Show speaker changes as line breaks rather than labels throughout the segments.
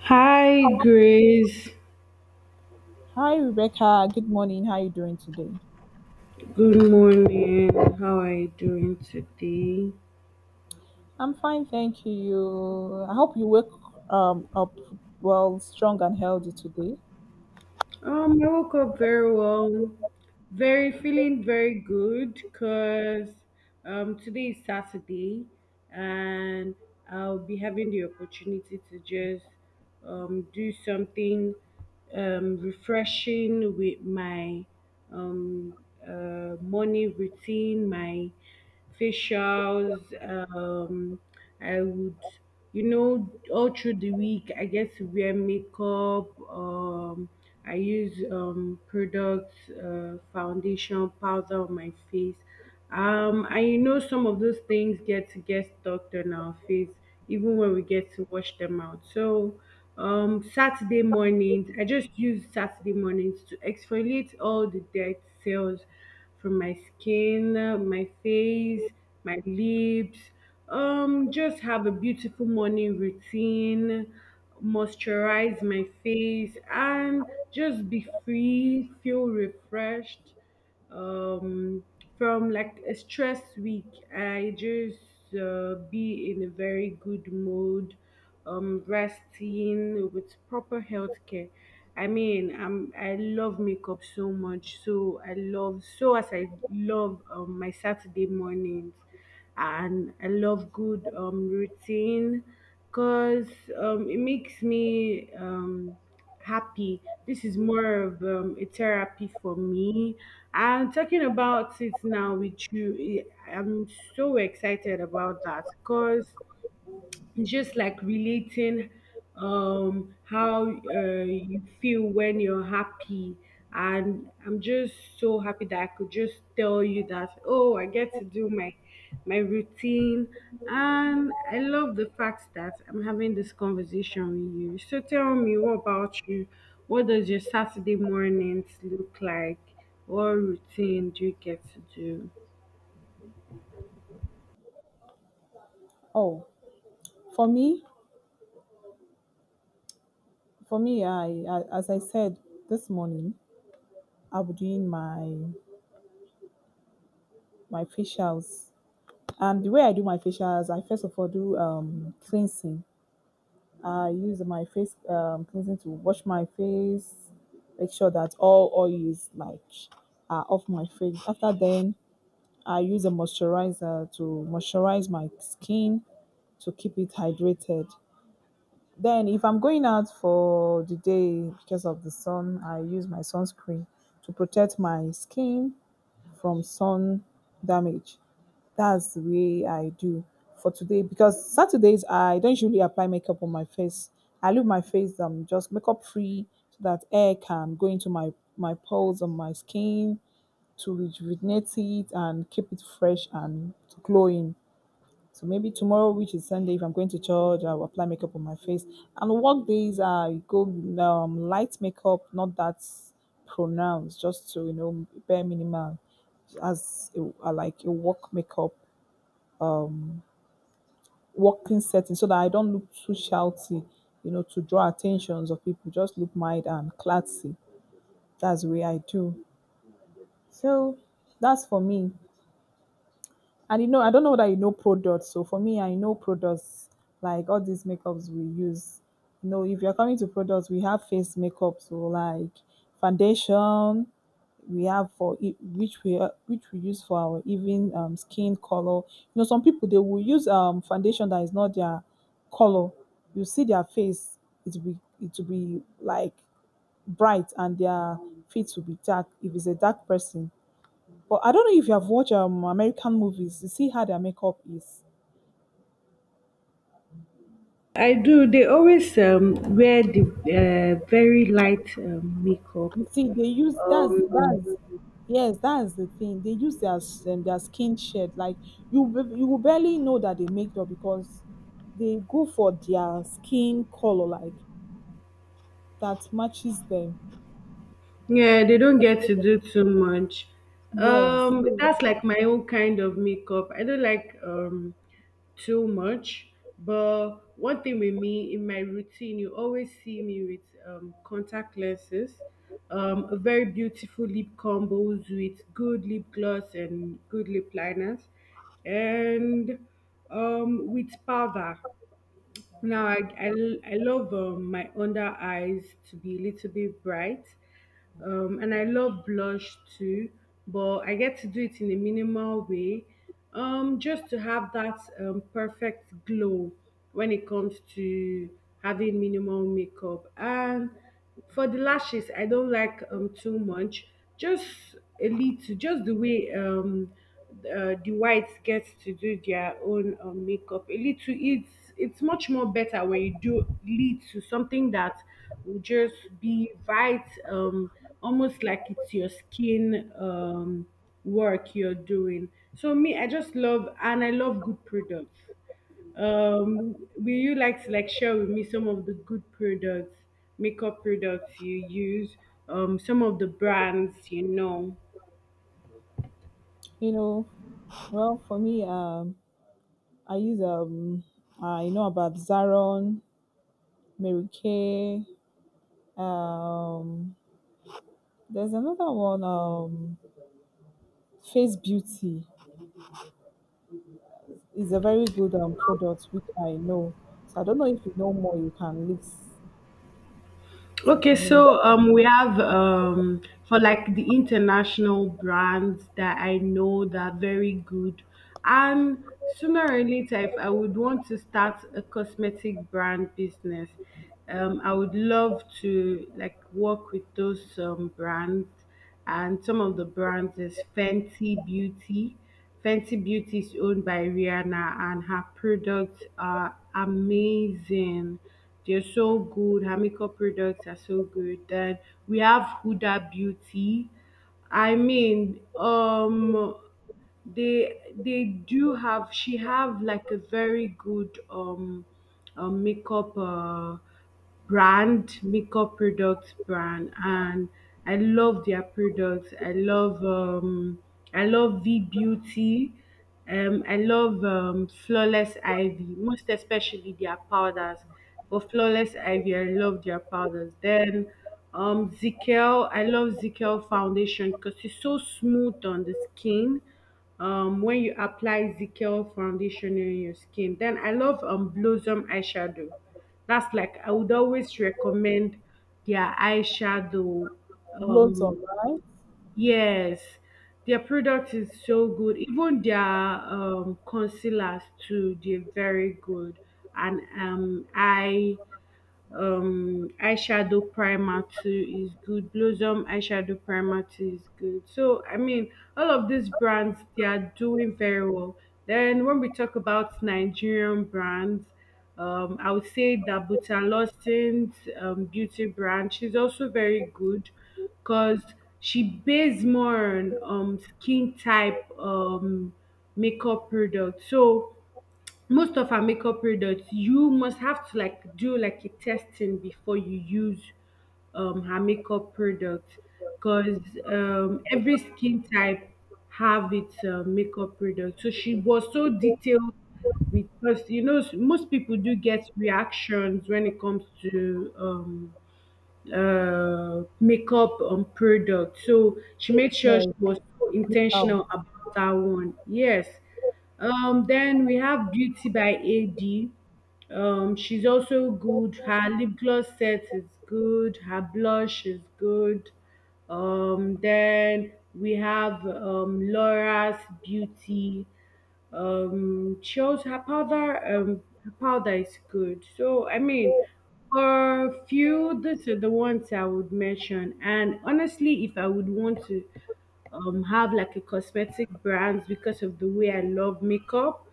Hi, Grace.
Hi, Rebecca. Good morning. How are you doing today?
Good morning. How are you doing today?
I'm fine, thank you. I hope you wake up well, strong and healthy today.
I woke up very well, very feeling very good because today is Saturday, and I'll be having the opportunity to just do something refreshing with my um, morning routine, my facials. Um, I would all through the week, I get to wear makeup. I use products, foundation powder on my face, and some of those things get to get stuck on our face even when we get to wash them out. So Saturday mornings, I just use Saturday mornings to exfoliate all the dead cells from my skin, my face, my lips. Just have a beautiful morning routine, moisturize my face, and just be free, feel refreshed. Um, from like a stress week, I just be in a very good mood, resting, with proper health care. I mean, I love makeup so much. So as I love my Saturday mornings, and I love good routine, because it makes me happy. This is more of a therapy for me. And talking about it now with you, I'm so excited about that, because just like relating how you feel when you're happy. And I'm just so happy that I could just tell you that, oh, I get to do my routine. And I love the fact that I'm having this conversation with you. So tell me, what about you? What does your Saturday mornings look like? What routine do you get to do?
Oh, for me, for me, I as I said this morning, I'll be doing my facials, and the way I do my facials, I first of all do cleansing. I use my face cleansing to wash my face, make sure that all oils like are off my face. After then, I use a moisturizer to moisturize my skin to keep it hydrated. Then, if I'm going out for the day because of the sun, I use my sunscreen to protect my skin from sun damage. That's the way I do for today because Saturdays I don't usually apply makeup on my face. I leave my face just makeup free so that air can go into my pores on my skin to rejuvenate it and keep it fresh and glowing. So maybe tomorrow, which is Sunday, if I'm going to church, I'll apply makeup on my face. And work days, I go light makeup, not that pronounced, just to you know bare minimal as a, I like a work makeup, um, working setting, so that I don't look too shouty, you know, to draw attentions of people. Just look mild and classy. That's the way I do. So that's for me. And you know, I don't know that you know products. So for me, I know products like all these makeups we use. You know, if you're coming to products, we have face makeup, so like foundation, we have for which we use for our even skin color. You know, some people they will use foundation that is not their color. You see their face, it will be like bright, and their feet will be dark. If it's a dark person, but I don't know if you have watched American movies. You see how their makeup is.
I do dey always wear di very light makeup.
You see, they use
um
that's yes, that's the thing. They use their their skin shade. Like you will barely know that they make up because they go for their skin color like that matches them.
Yeah, they don't get to do too much.
Yes,
That's like my own kind of makeup. I don't like too much, but one thing with me in my routine, you always see me with contact lenses, a very beautiful lip combos with good lip gloss and good lip liners, and with powder. Now I love my under eyes to be a little bit bright, and I love blush too. But I get to do it in a minimal way, just to have that perfect glow when it comes to having minimal makeup. And for the lashes, I don't like too much. Just a little, just the way the whites get to do their own makeup. A little, it's much more better when you do little something that will just be right, almost like it's your skin work you're doing. So me, I just love, and I love good products. Will you like to like share with me some of the good products, makeup products you use, some of the brands you know?
you know. Well, for me, I use I know about Zaron, Mary Kay. Um, there's another one. Face Beauty is a very good product which I know. So I don't know if you know more, you can list it
Okay,
for me.
so we have, for like the international brands that I know that are very good, and sooner or later, if I would want to start a cosmetic brand business, I would love to like work with those brands, and some of the brands is Fenty Beauty. Fenty Beauty is owned by Rihanna, and her products are amazing. They're so good. Her makeup products are so good. Then we have Huda Beauty. I mean, they do have she have like a very good makeup brand, makeup products brand, and I love their products. I love V Beauty. I love Flawless Ivy, most especially their powders. For Flawless Ivy, I love their powders. Then Zikel, I love Zikel foundation because it's so smooth on the skin when you apply Zickel foundation on your skin. Then I love Blossom eyeshadow. That's like I would always recommend their eyeshadow.
Loads of,
Um
right?
yes, their product is so good. Even their concealers too, they're very good. And eyeshadow primer too is good. Blossom eyeshadow primer too is good. So I mean, all of these brands, they are doing very well. Then when we talk about Nigerian brands, I would say that Lawson's beauty brand, she's also very good, because she based more on skin type makeup product. So most of our makeup products, you must have to like do like a testing before you use her makeup product, because every skin type have its makeup product. So she was so detailed, because you know, most people do get reactions when it comes to makeup on product. So she made sure she
Yes,
was so
without.
intentional about that one. Yes. Then we have Beauty by AD. She's also good. Her lip gloss set is good. Her blush is good. Then we have Laura's Beauty, shows her powder, her powder is good. So I mean, for few, these are the ones I would mention. And honestly, if I would want to have like a cosmetic brand because of the way I love makeup,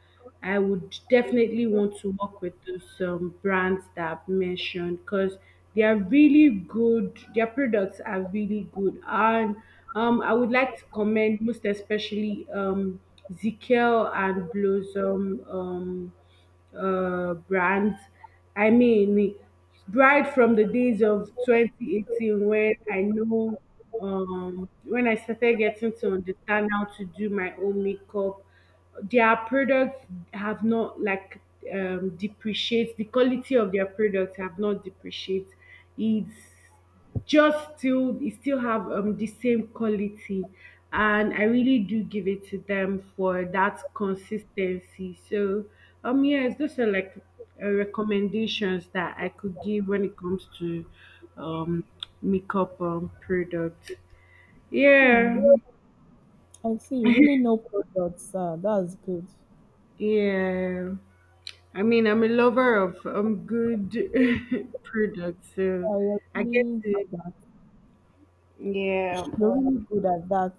I would definitely want to work with those brands that I've mentioned, because they are really good. Their products are really good, and I would like to commend most especially Zikel and Blossom. Brands. I mean, right from the days of 2018 when I know, when I started getting to understand how to do my own makeup, their products have not like, depreciate. The quality of their products have not depreciate. It's it still have the same quality, and I really do give it to them for that consistency. So yes, those are like recommendations that I could give when it comes to um makeup products. Yeah.
I see you really know products. That's good.
Yeah. I mean, I'm a lover of good products, so
Yeah, you're
I get
really
to
good at,
yeah.
you're really good at that.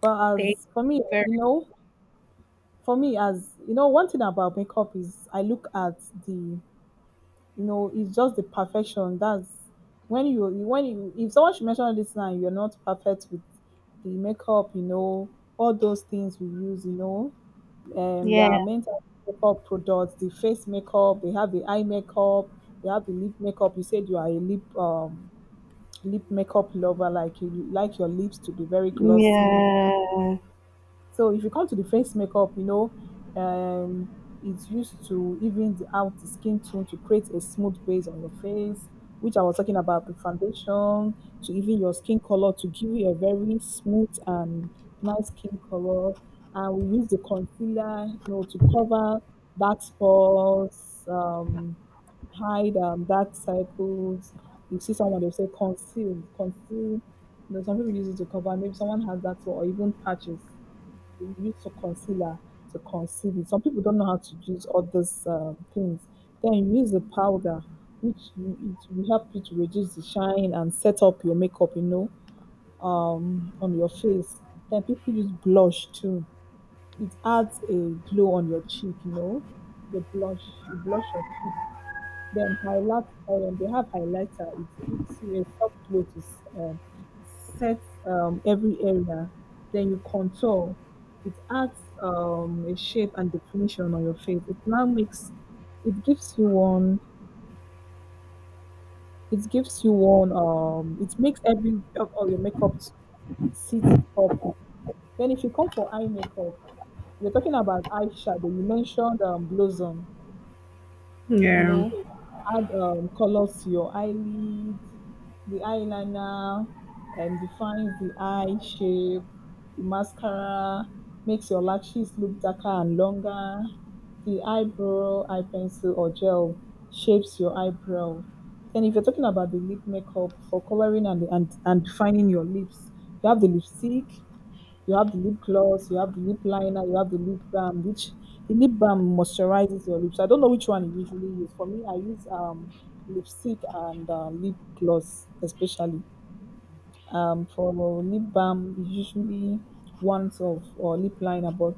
But
Thank
as for
you
me,
very
you know, for me as you know, one thing about makeup is I look at the, you know, it's just the perfection that's when you if someone should mention this now, you're not perfect with the makeup. You know, all those things we use, you know, there
Yeah.
are mental makeup products, the face makeup, they have the eye makeup, they have the lip makeup. You said you are a lip makeup lover. Like you like your lips to be very glossy.
Yeah.
So if you come to the face makeup, you know, um, it's used to even out the skin tone to create a smooth base on your face, which I was talking about: the foundation to even your skin color to give you a very smooth and nice skin color. And we use the concealer, you know, to cover dark spots, hide dark circles. You see someone, they'll say conceal, conceal. You know, some people use it to cover. Maybe someone has that, or even patches they use to concealer to conceal it. Some people don't know how to use all these things. Then you use the powder, which you, it will help you to reduce the shine and set up your makeup, you know, on your face. Then people use blush too. It adds a glow on your cheek, you know. The blush, you blush your cheek. Then highlight, they have highlighter. It gives you a soft glow to set every area. Then you contour. It adds a shape and definition on your face. It now makes, it gives you one, it makes every of all your makeup to sit up. Then if you come for eye makeup, we're talking about eyeshadow. You mentioned Blossom. You
Yeah.
know, add colors to your eyelids, the eyeliner, and defines the eye shape, the mascara, makes your lashes look darker and longer. The eyebrow, eye pencil, or gel shapes your eyebrow. Then, if you're talking about the lip makeup for coloring and, defining your lips, you have the lipstick, you have the lip gloss, you have the lip liner, you have the lip balm, which the lip balm moisturizes your lips. I don't know which one you usually use. For me, I use lipstick and lip gloss, especially. For lip balm, it's usually ones of or lip liner, but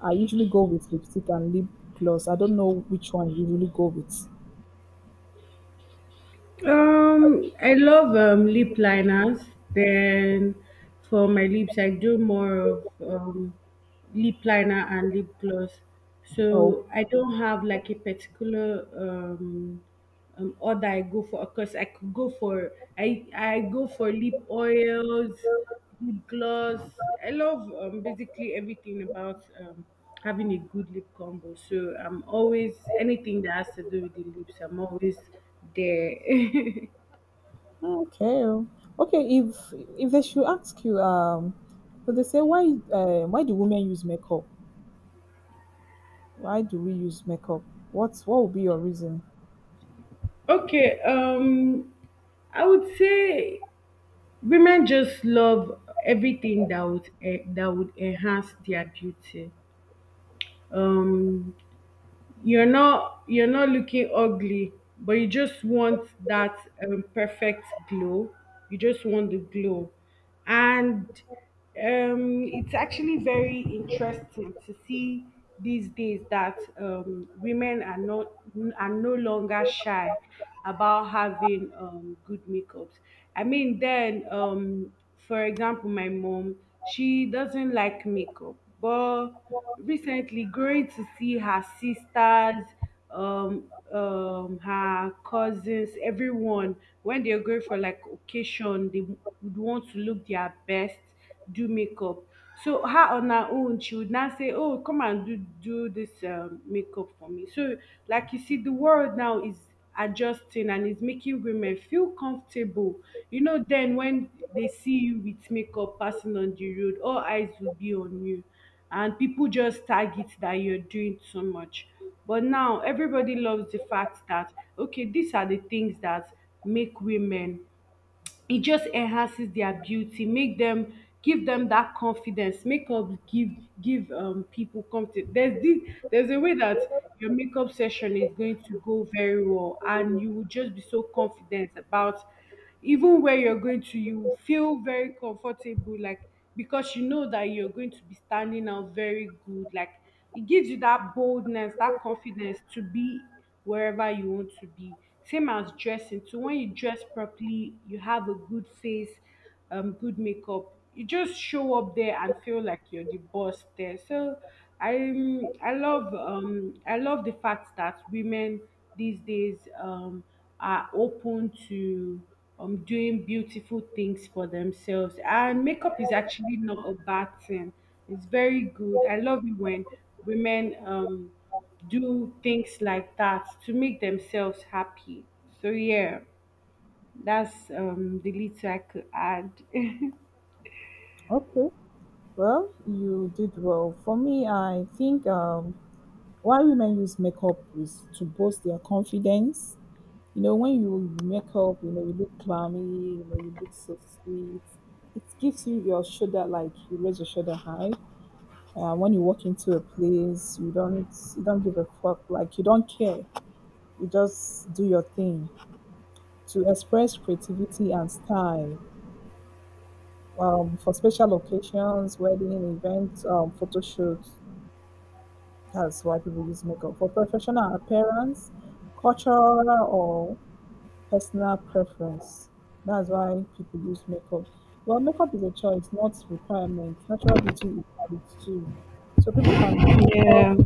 I usually go with lipstick and lip gloss. I don't know which one you usually go with.
I love lip liners. Then for my lips, I do more of lip liner and lip gloss.
Oh,
So I don't have like a particular or that I go for. Of course, I could go for, I go for lip oils, lip gloss. I love, basically everything about having a good lip combo. So I'm always, anything that has to do with the lips, I'm always there.
okay, okay. If they should ask you, so they say why do women use makeup? Why do we use makeup? What would be your reason?
Okay. I would say women just love everything that would that would enhance their beauty. Um, you're not looking ugly, but you just want that perfect glow. You just want the glow. And it's actually very interesting to see these days that women are not are no longer shy about having good makeups. I mean, then, for example, my mom, she doesn't like makeup. But recently, going to see her sisters, um, her cousins, everyone, when they're going for like occasion, they would want to look their best, do makeup. So her, on her own, she would now say, oh, come and do this makeup for me. So like, you see, the world now is adjusting and is making women feel comfortable. You know, then when they see you with makeup passing on the road, all eyes will be on you, and people just tag it that you're doing too much. But now everybody loves the fact that, okay, these are the things that make women, it just enhances their beauty, make them, give them that confidence. Makeup give, people confidence. There's a way that your makeup session is going to go very well, and you will just be so confident about even where you're going to, you feel very comfortable, like because you know that you're going to be standing out very good. Like it gives you that boldness, that confidence to be wherever you want to be. Same as dressing. So when you dress properly, you have a good face, good makeup. You just show up there and feel like you're the boss there. So I love the fact that women these days are open to doing beautiful things for themselves, and makeup is actually not a bad thing. It's very good. I love it when women, do things like that to make themselves happy. So yeah, that's the little I could add.
Okay. Well, you did well. For me, I think why women use makeup is to boost their confidence. You know, when you make up, you know, you look clammy, you know, you look so sweet. It gives you your shoulder, like you raise your shoulder high. And when you walk into a place, you don't give a fuck, like you don't care. You just do your thing to express creativity and style. For special occasions, wedding events, photo shoots. That's why people use makeup, for professional appearance, cultural or personal preference. That's why people use makeup. Well, makeup is a choice, not requirement. Natural beauty is valid too. So people can do makeup.
Yeah.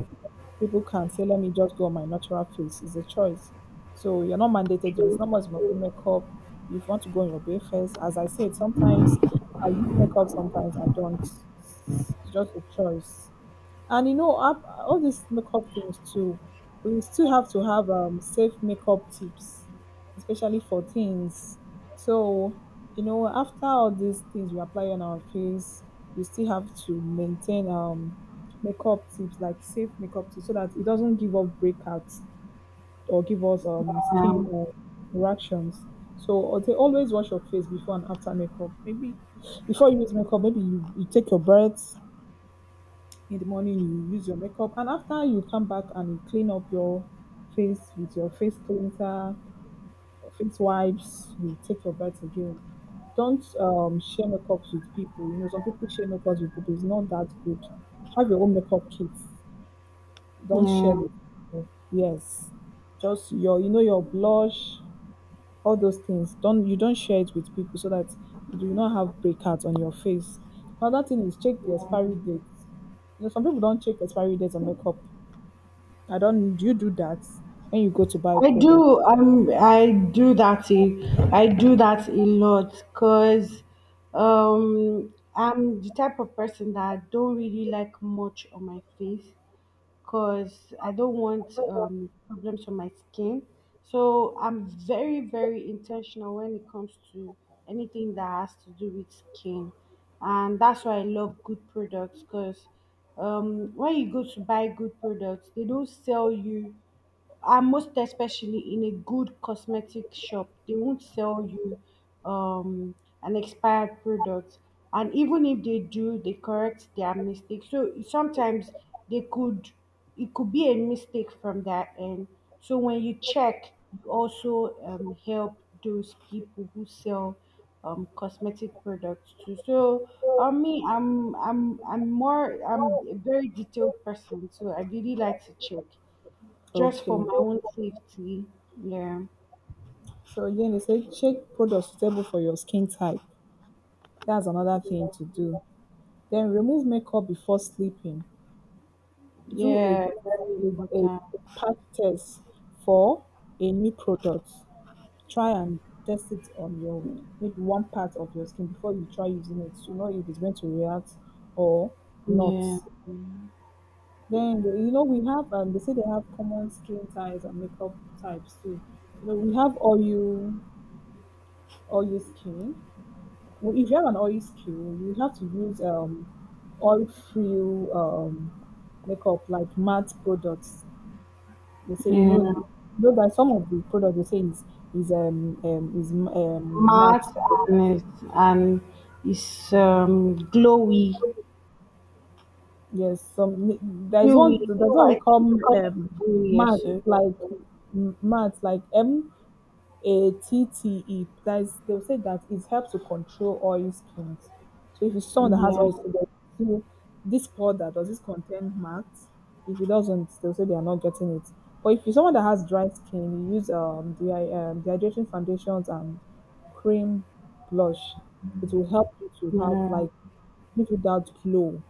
People can say, let me just go on my natural face. It's a choice. So you're not mandated to. It's not much about the makeup. If you want to go on your bare face, as I said, sometimes I use makeup, sometimes I don't. It's just a choice. And you know, all these makeup things too, we still have to have safe makeup tips, especially for teens. So, you know, after all these things we apply on our face, we still have to maintain makeup tips like safe makeup tips, so that it doesn't give up breakouts or give us skin
Um,
reactions. So they always wash your face before and after makeup. Maybe before you use makeup, maybe you take your breath in the morning, you use your makeup, and after you come back and you clean up your face with your face cleanser or face wipes, you take your bath again. Don't share makeups with people. You know, some people share makeups with people. It's not that good. Have your own makeup kit. Don't share
Yeah.
with people. Yes, just your, you know, your blush, all those things, don't share it with people, so that you do not have breakouts on your face. Another thing is check the expiry date. You know, some people don't check expiry dates on makeup. I don't. Do you do that when you go to buy
I
product?
do. I do that a lot, because I'm the type of person that don't really like much on my face, because I don't want problems on my skin. So I'm very, very intentional when it comes to anything that has to do with skin. And that's why I love good products, because when you go to buy good products, they don't sell you, and most especially in a good cosmetic shop, they won't sell you um an expired product. And even if they do, they correct their mistake. So sometimes they could, it could be a mistake from that end. So when you check, you also help those people who sell cosmetic products too. So on me, I'm a very detailed person, so I really like to check just for
Okay.
my own safety. Yeah.
So again, they say check products suitable for your skin type. That's another thing to do. Then remove makeup before sleeping. Do
Yeah, very
a
important.
patch test for a new product. Try and test it on your maybe one part of your skin before you try using it to know if it's going to react or not.
Yeah.
Then, you know, we have, they say they have common skin types and makeup types too. You know, we have oil skin. Well, if you have an oil skin, you have to use oil-free makeup like matte products. They say,
Yeah.
you know that some of the products they say is is matte.
Matte, and it's glowy.
Yes, some, there is
Glowy.
one. That's what we
I
call
think they call it dewy,
matte,
sir.
like matte, like matte. That is, they'll say that it helps to control oil skins. So if it's someone that has
Yeah.
oil skin, they'll say, this powder does this contain marks? If it doesn't, they'll say they are not getting it. But if you're someone that has dry skin, you use dehydrating foundations and cream blush. It will help you to have
Yeah.
like give you that glow.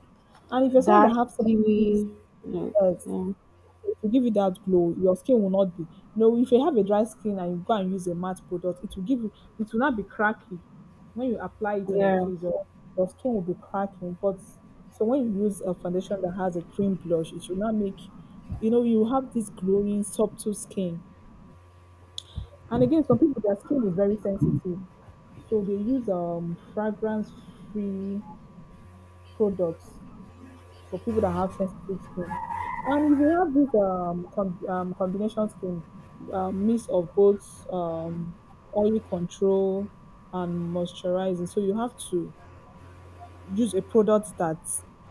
And if you're someone that
That's
has sensitive,
dewy. Yeah.
yes,
Yeah.
to give you that glow, your skin will not be, no, if you have a dry skin and you go and use a matte product, it will give you, it will not be cracking. When you apply it on your
Yeah.
face, your skin will be cracking. But so when you use a foundation that has a cream blush, it will not make, you know, you have this glowing, subtle skin. And again, some people their skin is very sensitive, so they use fragrance free products for people that have sensitive skin. And if you have this combination skin, mix of both um, oil control and moisturizing, so you have to use a product that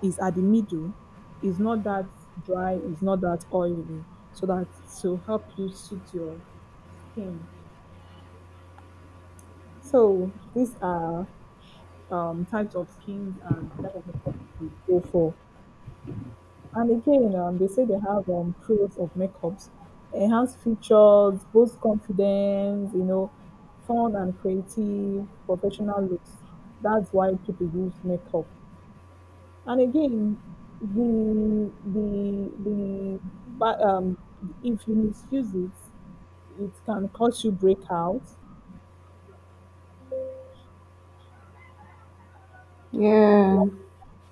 is at the middle, is not that dry, is not that oily, so that to help you suit your skin. So these are types of skins and type of makeup you go for. And again, they say they have pros of makeups, enhanced features, boost confidence, you know, fun and creative, professional looks. That's why people use makeup. And again, the but if you misuse it, it can cause you breakout.
Yeah.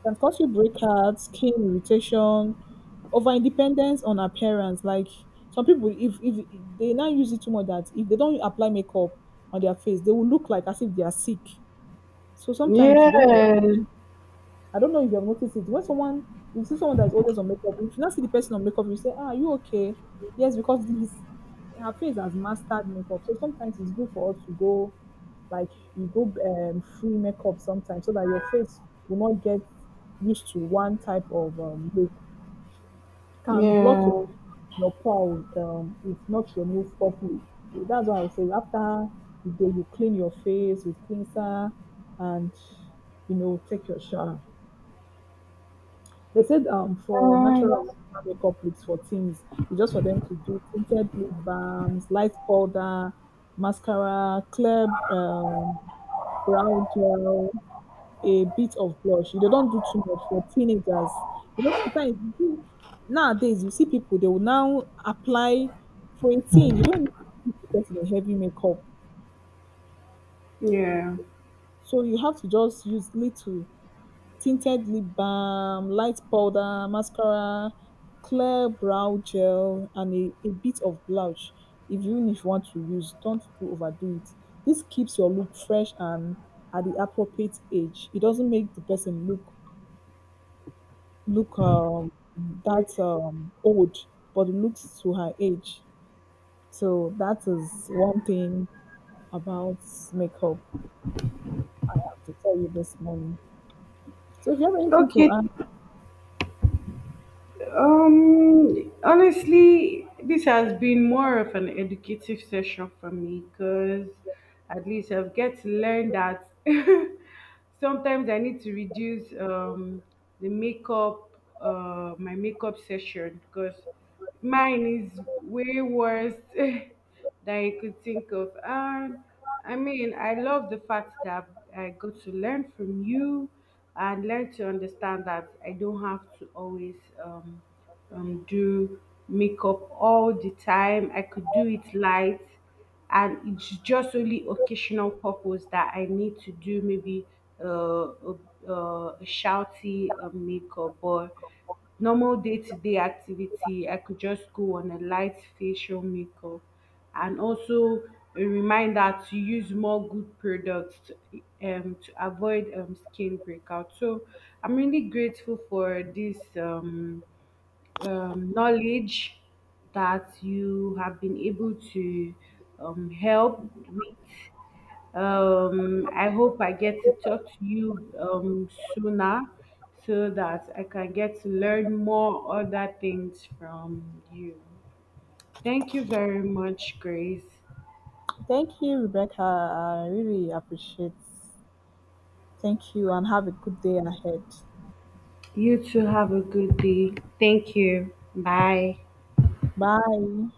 Can cause you breakouts, skin irritation, over independence on appearance. Like some people, if they now use it too much, that if they don't apply makeup on their face, they will look like as if they are sick. So sometimes you don't.
Yeah.
I don't know if you have noticed it. When someone, you see someone that is always on makeup, if you not see the person on makeup, you say, "Ah, are you okay?" Yes, because this her face has mastered makeup. So sometimes it's good for us to go, like you go free makeup sometimes, so that your face will not get used to one type of look. Can block your
Yeah.
your pores if not removed properly. That's why I say after the day you clean your face with cleanser and you know take your shower. They said for
Right.
natural makeup looks for teens, it's just for them to do tinted lip balms, light powder, mascara, clear um, brow gel, a bit of blush. They don't do too much for teenagers. You know, sometimes you see- nowadays you see people they will now apply for a teen. You don't need to put the person heavy makeup,
Yeah.
so you have to just use little. Tinted lip balm, light powder, mascara, clear brow gel, and a bit of blush. If even if you want to use, don't do overdo it. This keeps your look fresh and at the appropriate age. It doesn't make the person look look that old, but looks to her age. So that is one thing about makeup I have to tell you this morning. So if you have anything to
Okay.
add.
Honestly, this has been more of an educative session for me, because at least I've get to learn that, sometimes I need to reduce my makeup session, because mine is way worse than you could think of. And I mean, I love the fact that I got to learn from you, and learn to understand that I don't have to always um, do makeup all the time. I could do it light, and it's just only occasional purpose that I need to do maybe, uh, a, uh, a, shouty a makeup, or normal day-to-day activity I could just go on a light facial makeup. And also a reminder to use more good products, to, to avoid skin breakout. So I'm really grateful for this knowledge that you have been able to help with. I hope I get to talk to you sooner, so that I can get to learn more other things from you. Thank you very much, Grace.
Thank you, Rebecca. I really appreciate. Thank you and have a good day ahead.
You too have a good day. Thank you. Bye.
Bye.